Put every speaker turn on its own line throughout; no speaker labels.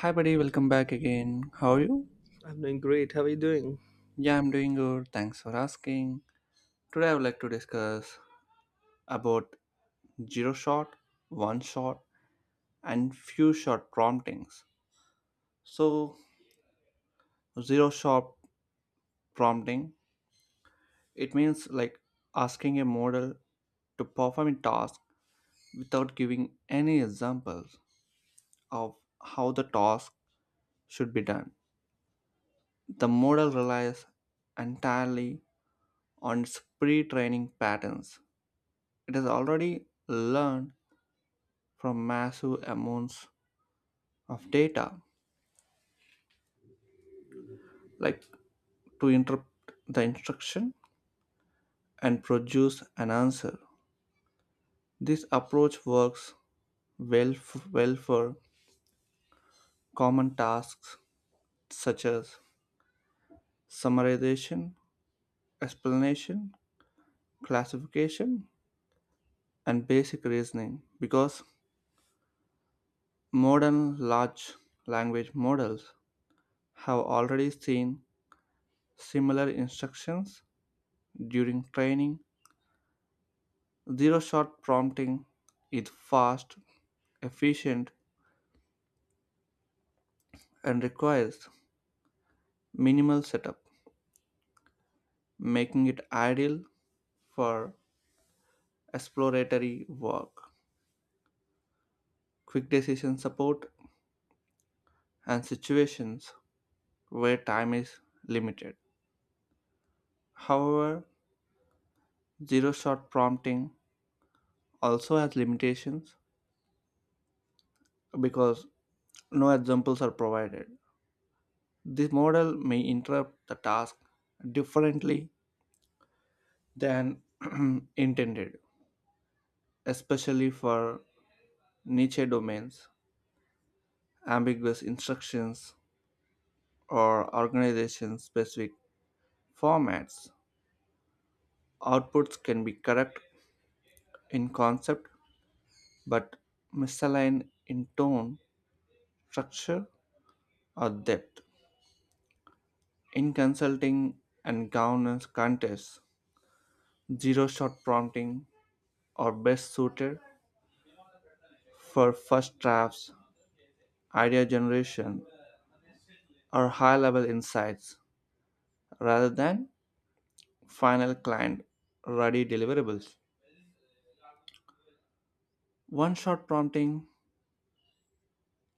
Hi, buddy, welcome back again. How are you?
I'm doing great. How are you doing?
Yeah, I'm doing good. Thanks for asking. Today, I would like to discuss about zero shot, one shot, and few shot promptings. So, zero shot prompting it means like asking a model to perform a task without giving any examples of how the task should be done. The model relies entirely on its pre-training patterns it has already learned from massive amounts of data like to interrupt the instruction and produce an answer. This approach works well, well for common tasks such as summarization, explanation, classification, and basic reasoning, because modern large language models have already seen similar instructions during training. Zero shot prompting is fast, efficient, and requires minimal setup, making it ideal for exploratory work, quick decision support, and situations where time is limited. However, zero shot prompting also has limitations because no examples are provided. This model may interrupt the task differently than intended, especially for niche domains, ambiguous instructions, or organization specific formats. Outputs can be correct in concept but misaligned in tone, structure, or depth. In consulting and governance contests, zero shot prompting are best suited for first drafts, idea generation, or high level insights rather than final client ready deliverables. One shot prompting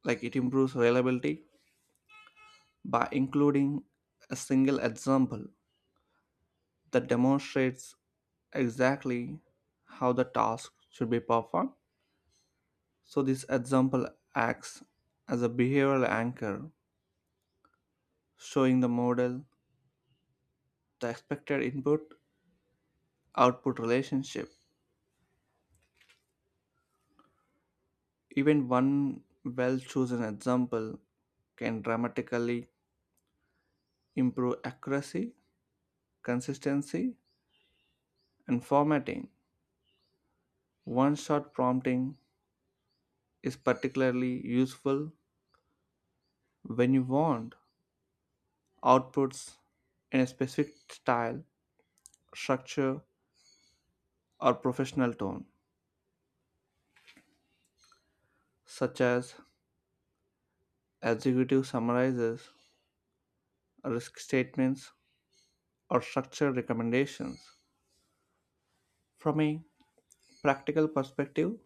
like it improves reliability by including a single example that demonstrates exactly how the task should be performed. So this example acts as a behavioral anchor, showing the model the expected input output relationship. Even one well chosen example can dramatically improve accuracy, consistency, and formatting. One shot prompting is particularly useful when you want outputs in a specific style, structure, or professional tone, such as executive summarizes, risk statements, or structured recommendations. From a practical perspective,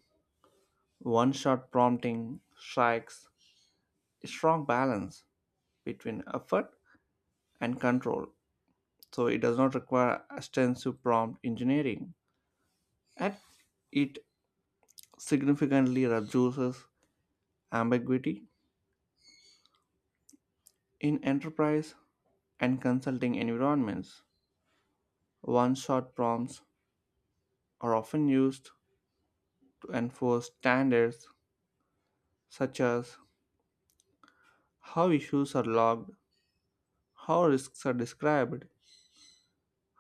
one shot prompting strikes a strong balance between effort and control, so it does not require extensive prompt engineering. And it significantly reduces ambiguity in enterprise and consulting environments. One shot prompts are often used to enforce standards such as how issues are logged, how risks are described,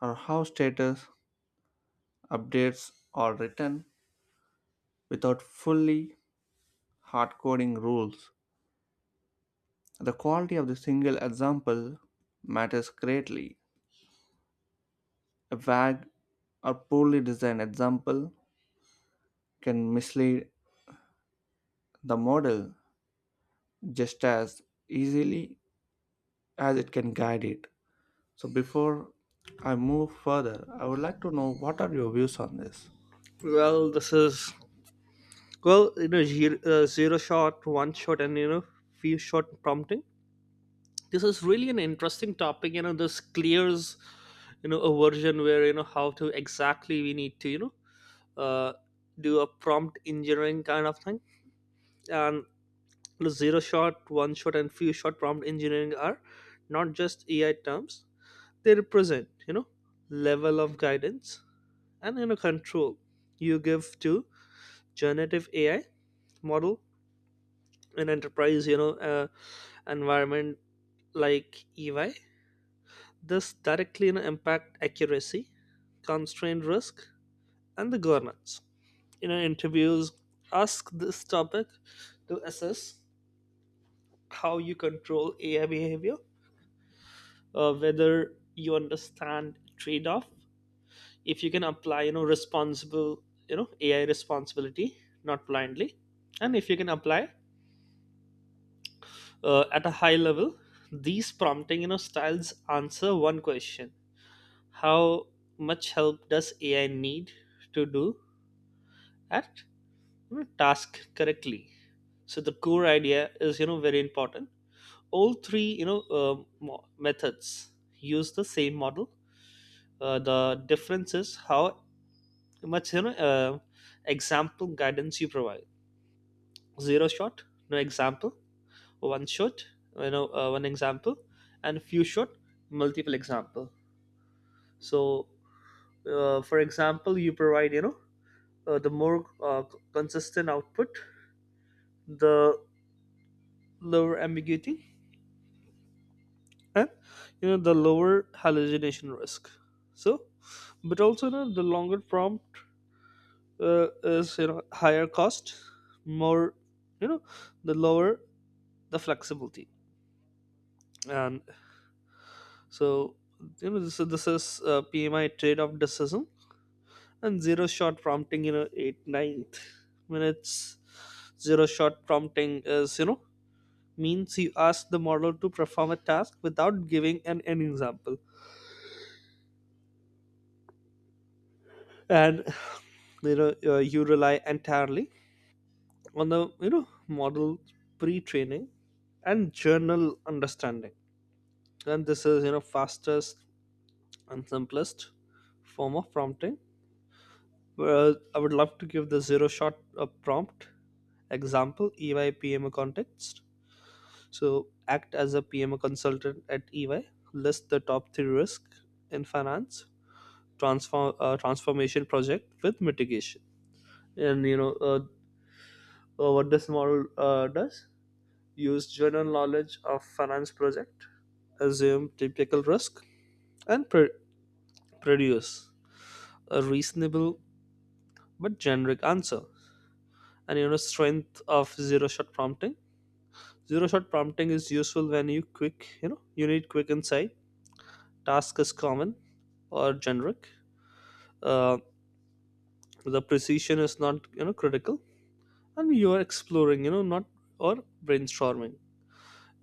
or how status updates are written without fully hard coding rules. The quality of the single example matters greatly. A vague or poorly designed example can mislead the model just as easily as it can guide it. So, before I move further, I would like to know what are your views on this?
Well, this is well, zero shot, one shot, and few shot prompting. This is really an interesting topic. This clears, a version where how to exactly we need to uh, do a prompt engineering kind of thing. And zero shot, one shot, and few shot prompt engineering are not just AI terms. They represent level of guidance and control you give to generative AI model in enterprise, environment like EY. This directly impact accuracy, constraint risk, and the governance. Interviews ask this topic to assess how you control AI behavior, whether you understand trade-off, if you can apply, responsible, AI responsibility, not blindly, and if you can apply at a high level these prompting styles answer one question. How much help does AI need to do at, task correctly? So the core idea is, very important. All three, methods use the same model. The difference is how much, example guidance you provide. Zero shot, no example. One shot, one example. And few shot, multiple example. So, for example you provide, the more, consistent output, the lower ambiguity, and the lower hallucination risk. So but also, the longer prompt, is, higher cost, more, you know the lower the flexibility. And so, this is PMI trade-off decision. And zero shot prompting, eight ninth minutes. Zero shot prompting is, means you ask the model to perform a task without giving an example. And you rely entirely on the, model pre-training and journal understanding. And this is, fastest and simplest form of prompting. Well, I would love to give the zero shot, prompt example. EYPM context. So act as a PMO consultant at EY. List the top three risks in finance transformation project with mitigation. And, what this model, does? Use general knowledge of finance project, assume typical risk, and produce a reasonable but generic answer. And, strength of zero shot prompting. Zero shot prompting is useful when you quick, you need quick insight, task is common or generic, uh, the precision is not, critical, and you are exploring, not, or brainstorming.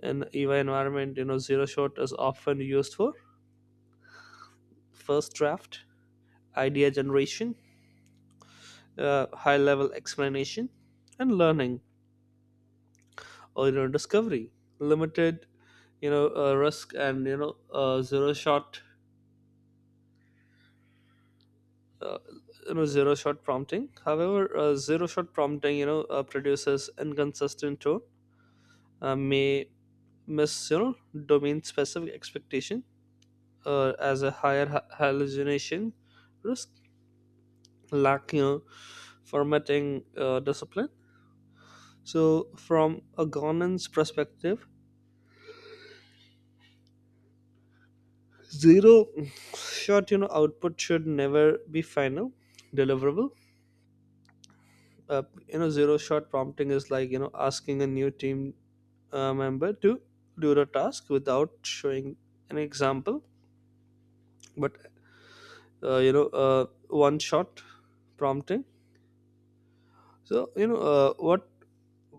In EVA environment, zero shot is often used for first draft, idea generation, high level explanation, and learning or, discovery. Limited, risk. And, uh, zero shot prompting, however, zero shot prompting, produces inconsistent tone, may miss, domain specific expectation, as a higher hallucination risk, lack, formatting discipline. So from a governance perspective, zero shot, output should never be final deliverable. Uh, zero shot prompting is like, asking a new team, member to do the task without showing an example. But, one shot prompting. So, what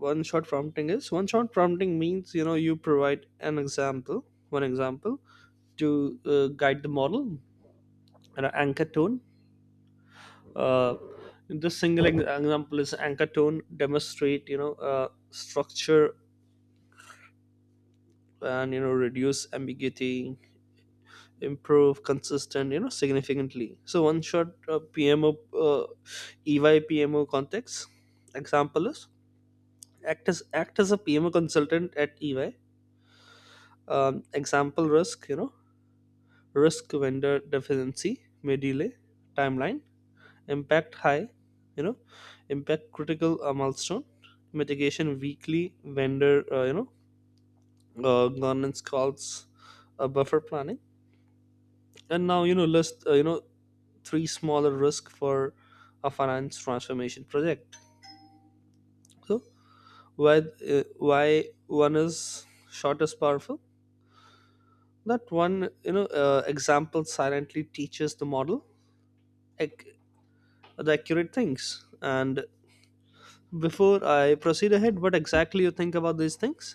one shot prompting is, one shot prompting means, you provide an example, one example, to, guide the model and an anchor tone. uh, this single example is anchor tone, demonstrate, structure, and, reduce ambiguity, improve consistent, significantly. So one shot, pmo uh, EY PMO context example is, act as a PMO consultant at EY. Example risk, risk vendor deficiency may delay timeline, impact high, you know, impact critical, milestone, mitigation weekly vendor, governance calls, buffer planning, and now, list, three smaller risk for a finance transformation project. So why, why one is short is powerful. That one, example silently teaches the model, ac- the accurate things. And before I proceed ahead, what exactly you think about these things?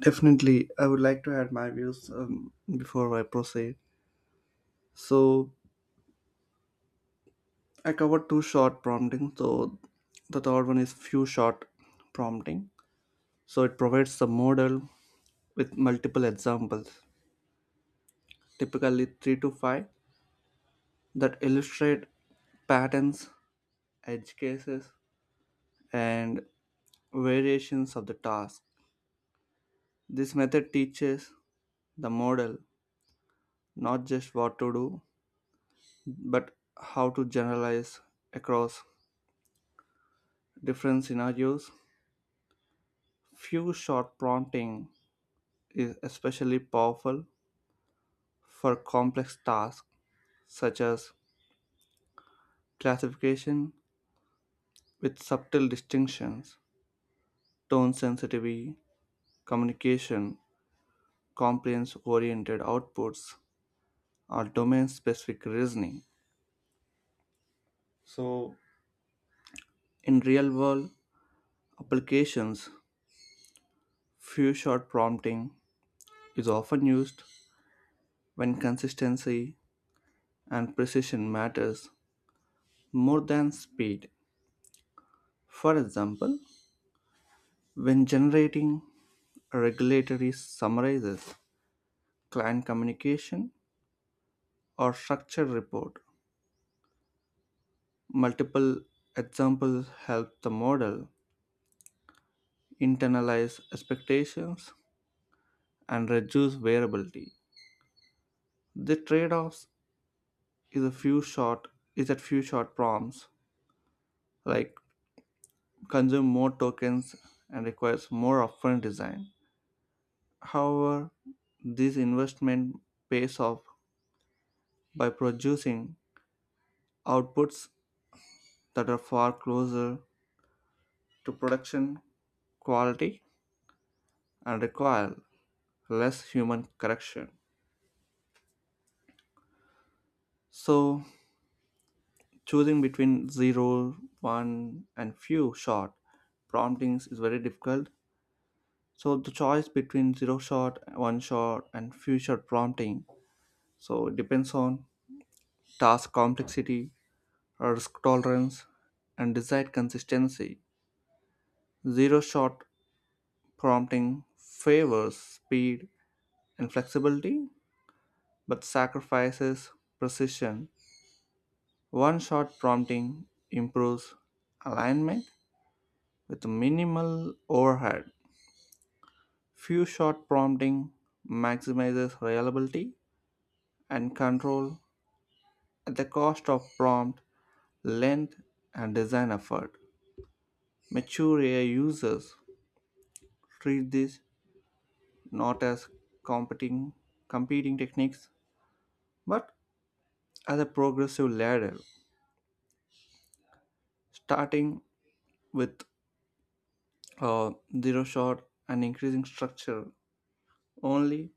Definitely, I would like to add my views before I proceed. So, I covered two short prompting. So, the third one is few short prompting. So, it provides the model with multiple examples, typically three to five, that illustrate patterns, edge cases, and variations of the task. This method teaches the model not just what to do, but how to generalize across different scenarios. Few shot prompting is especially powerful for complex tasks such as classification with subtle distinctions, tone sensitivity, communication, compliance oriented outputs, or domain specific reasoning. So, in real world applications, few shot prompting is often used when consistency and precision matters more than speed. For example, when generating regulatory summarizes, client communication, or structured report, multiple examples help the model internalize expectations and reduce variability. The trade-offs is a few short is that few short prompts like consume more tokens and requires more upfront design. However, this investment pays off by producing outputs that are far closer to production quality and require less human correction. So, choosing between zero, one, and few shot promptings is very difficult. So, the choice between zero shot, one shot, and few shot prompting so it depends on task complexity, risk tolerance, and desired consistency. Zero shot prompting favors speed and flexibility but sacrifices precision. One shot prompting improves alignment with minimal overhead. Few shot prompting maximizes reliability and control at the cost of prompt length and design effort. Mature AI users treat this not as competing competing techniques but as a progressive ladder starting with uh, zero shot and increasing structure only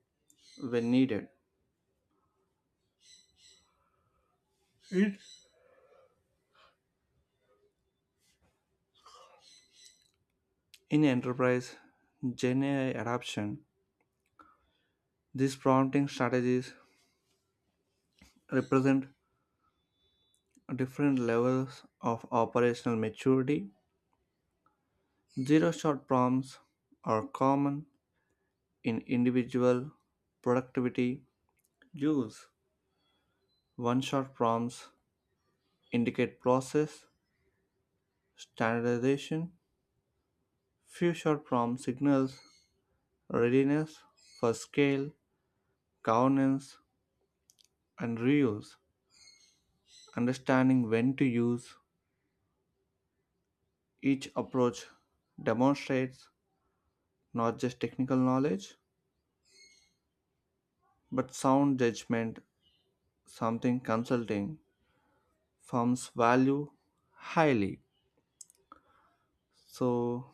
when needed. It in enterprise gen ai adoption these prompting strategies represent different levels of operational maturity. Zero shot prompts are common in individual productivity use. One shot prompts indicate process, standardization, future prompt signals, readiness for scale, governance, and reuse. Understanding when to use each approach demonstrates not just technical knowledge but sound judgment, something consulting firms value highly. So,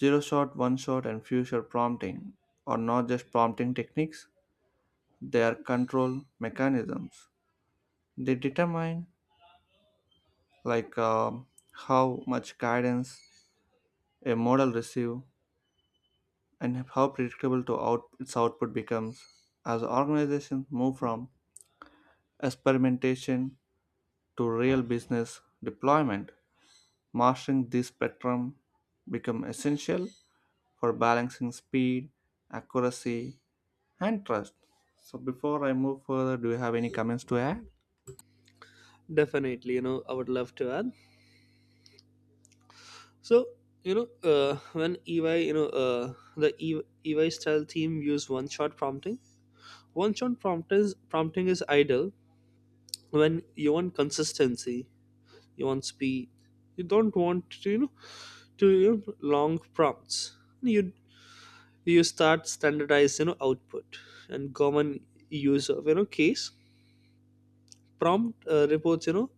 zero shot, one shot, and future prompting are not just prompting techniques, they are control mechanisms. They determine like um, how much guidance a model receive and how predictable to its output becomes. As organizations move from experimentation to real business deployment, mastering this spectrum become essential for balancing speed, accuracy, and trust. So before I move further, do you have any comments to add?
Definitely, I would love to add. So, when EY, the E- EY style team use one shot prompting. One shot prompting is ideal when you want consistency, you want speed, you don't want to, long prompts. You you start standardized, output. And common use of, case prompt, reports,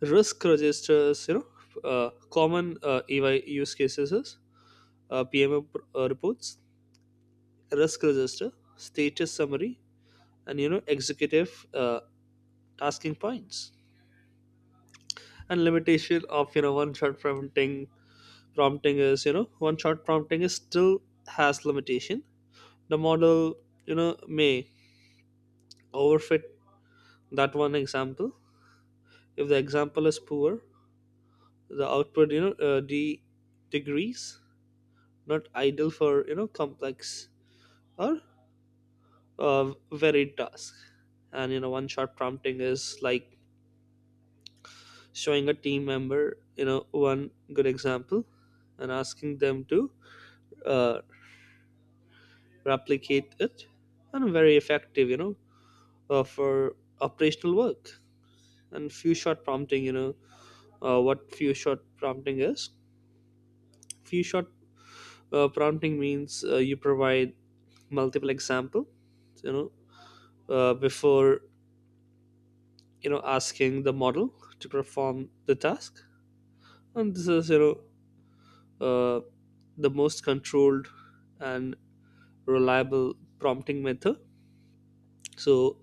risk registers, uh, common, EY use cases is, PMO reports, risk register, status summary, and, executive, tasking points. And limitation of, one shot prompting is, one shot prompting is still has limitation. The model, you know may overfit that one example. If the example is poor, the output, degrees. Not ideal for, complex or, varied task. And, one short prompting is like showing a team member, one good example and asking them to, uh, replicate it. And very effective, for operational work. And few shot prompting, what few shot prompting is, few shot, prompting means, you provide multiple example, you know before, asking the model to perform the task. And this is, uh, the most controlled and reliable prompting method. So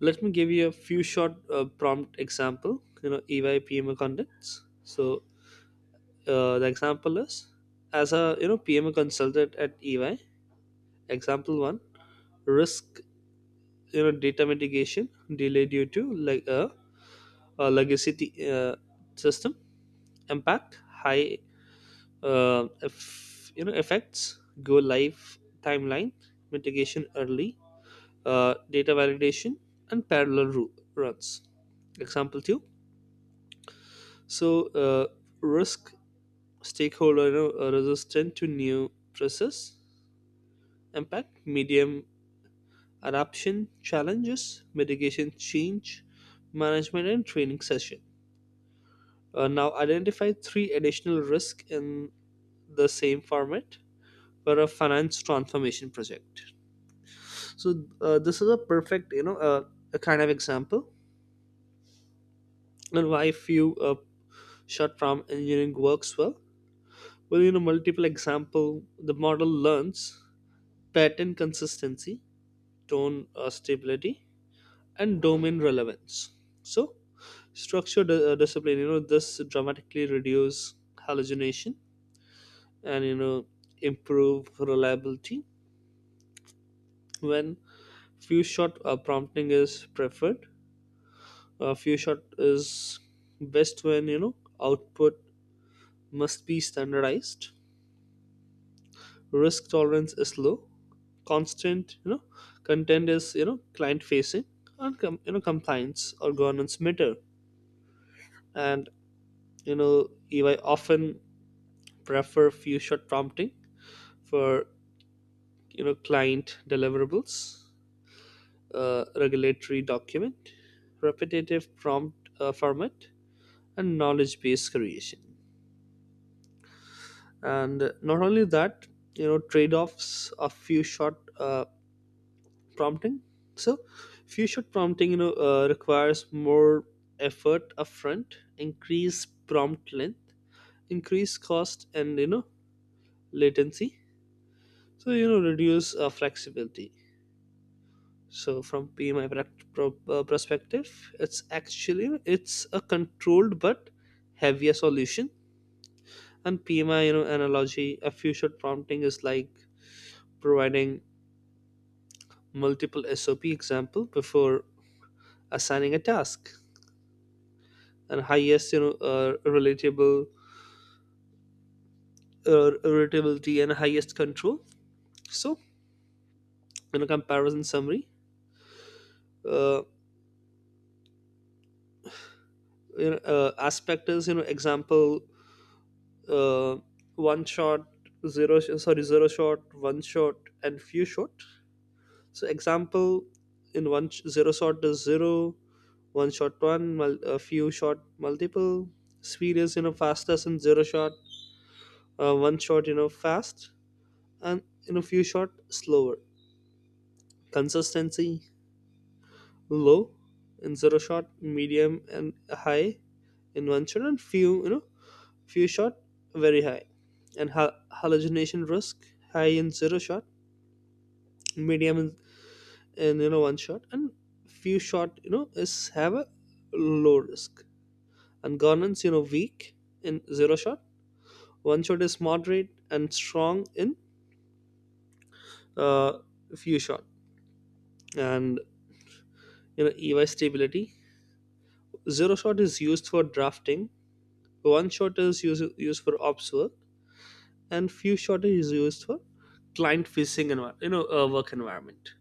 let me give you a few short, prompt example, EY PMO contents. So, the example is, as a, PMO consultant at EY. Example one: risk, data mitigation delay due to like a, legacy, uh, system, impact high, effects go live timeline, mitigation early, data validation and parallel runs. Example two: so, uh, risk, stakeholder, resistant to new stresses, impact medium, adoption challenges, mitigation change management and training session. Now identify three additional risks in the same format for a finance transformation project. So, this is a perfect, a kind of example. And why few, short form engineering works well. Well, multiple example, the model learns pattern consistency, tone, stability, and domain relevance. So structure discipline, this dramatically reduce hallucination and, improve reliability. When few shot, prompting is preferred, few shot is best when, output must be standardized, risk tolerance is low, constant, content is, client facing, and compliance or governance matter. And, you know UI often prefer few shot prompting for, client deliverables, regulatory document, repetitive prompt, format, and knowledge based creation. And not only that, trade offs of few shot, prompting. So few shot prompting, requires more effort upfront, increase prompt length, increase cost, and, latency. So, reduce, flexibility. So from PMI perspective, it's actually it's a controlled but heavier solution. And PMI, analogy, a future prompting is like providing multiple SOP example before assigning a task. And highest, relatability and highest control. So, comparison summary. Uh, aspect is, example, uh, one shot, zero, sh- sorry, zero shot, one shot, and few shot. So example in zero shot is zero, one shot one, a few shot multiple. Speed is, fastest in zero shot, one shot, fast, and in a few shot slower. Consistency low in zero shot, medium and high in one shot, and few you know few shot very high. And hallucination risk high in zero shot, medium in and, one shot, and few shot, is have a low risk. And governance, weak in zero shot, one shot is moderate, and strong in, uh, few shot. And, EY stability, zero shot is used for drafting, one shot is used for ops work, and few shot is used for client facing environment, work environment.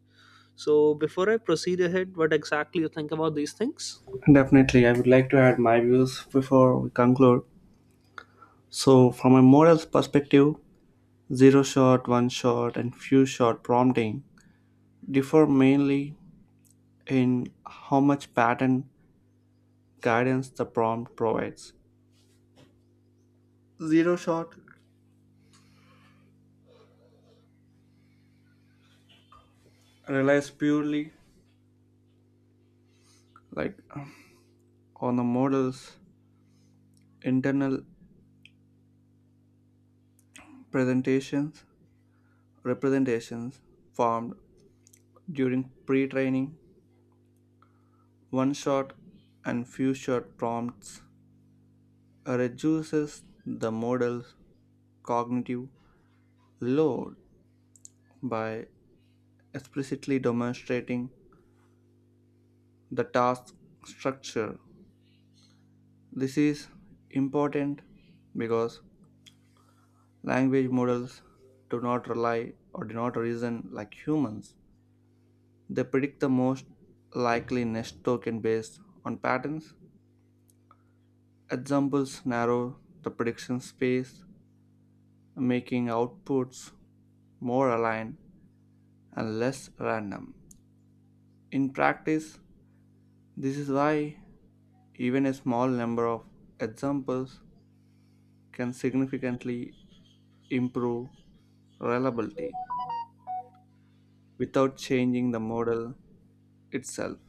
So before I proceed ahead, what exactly you think about these things?
Definitely, I would like to add my views before we conclude. So, from a morals perspective, zero shot, one shot, and few shot prompting differ mainly in how much pattern guidance the prompt provides. Zero shot relies purely like on the model's internal presentations representations formed during pre-training. One shot and few shot prompts reduces the model's cognitive load by explicitly demonstrating the task structure. This is important because language models do not rely or do not reason like humans. They predict the most likely next token based on patterns. Examples narrow the prediction space, making outputs more aligned and less random. In practice, this is why even a small number of examples can significantly improve reliability without changing the model itself.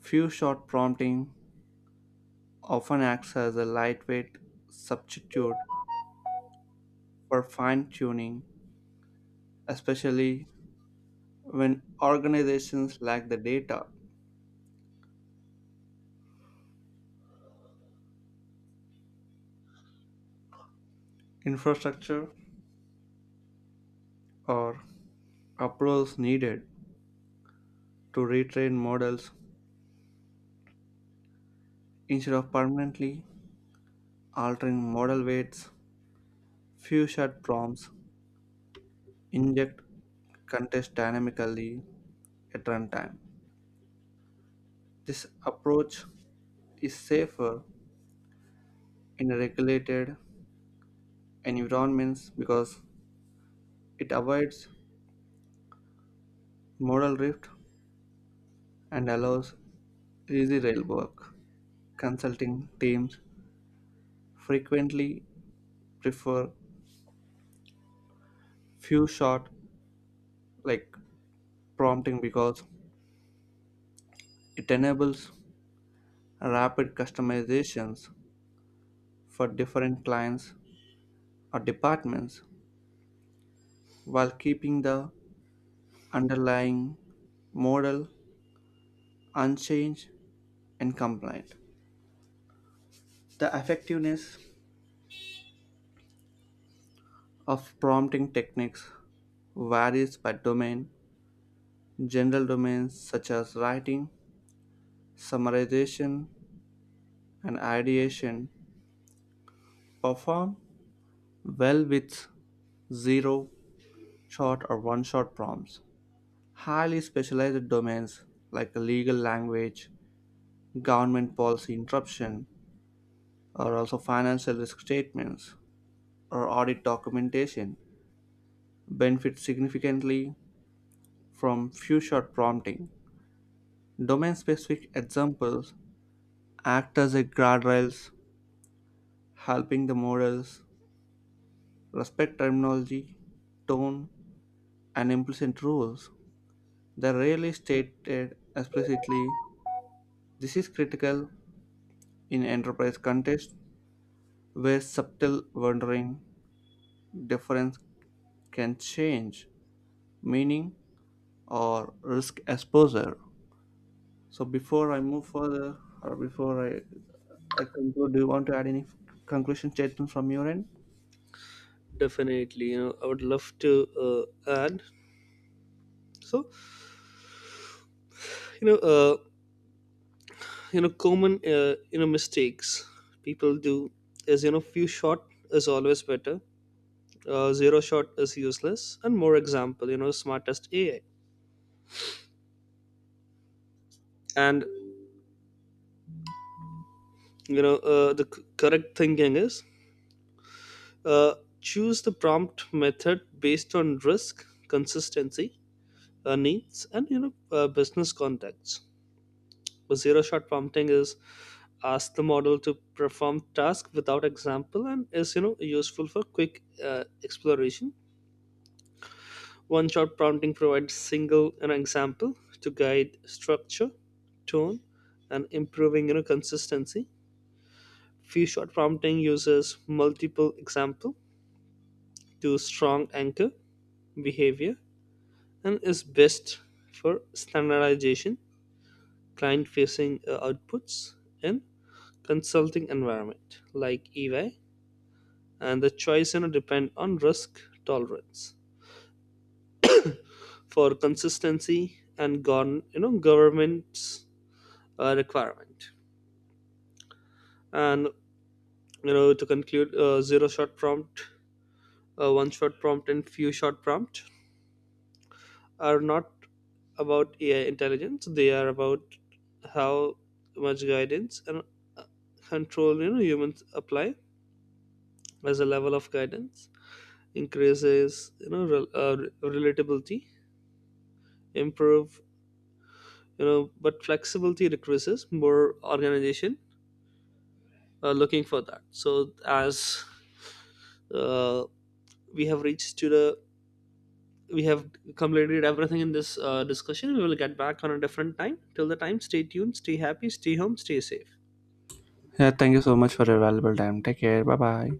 Few shot prompting often acts as a lightweight substitute for fine tuning, especially when organizations lack the data, infrastructure, or approvals needed to retrain models instead of permanently altering model weights. Few shot prompts inject context dynamically at runtime. This approach is safer in regulated environments because it avoids modal drift and allows easy rail work. Consulting teams frequently prefer few shot like prompting because it enables rapid customizations for different clients or departments while keeping the underlying model unchanged and compliant. The effectiveness of prompting techniques varies by domain. General domains such as writing, summarization, and ideation perform well with zero shot or one shot prompts. Highly specialized domains like legal language, government policy interruption, or also financial risk statements or audit documentation benefit significantly from few shot prompting. Domain specific examples act as a guardrails helping the models respect terminology, tone, and implicit rules. They rarely stated explicitly this is critical in enterprise context where subtle wandering difference can change meaning or risk exposure. So before I move further or I conclude, do you want to add any conclusion statement from your end?
Definitely, I would love to, add. So, you know, uh, common, mistakes people do is, few shot is always better. Zero shot is useless, and more example, smartest AI. And, the correct thinking is, uh, choose the prompt method based on risk, consistency, needs, and, business contacts. Zero shot prompting is, ask the model to perform task without example, and is, useful for quick, exploration. One shot prompting provides single an example to guide structure, tone, and improving, consistency. Few shot prompting uses multiple example to strong anchor behavior and is best for standardization, client facing outputs, and consulting environment like EY. And the choice, depend on risk tolerance for consistency and gone, government's, requirement. And, to conclude, zero shot prompt, one shot prompt, and few shot prompt are not about AI intelligence. They are about how much guidance and control, humans apply. As a level of guidance increases, relatability improve, but flexibility requires more organization. Looking for that. So as, uh, we have reached to the we have completed everything in this, discussion. We will get back on a different time. Till the time, stay tuned, stay happy, stay home, stay safe.
Yeah, thank you so much for your valuable time. Take care. Bye bye.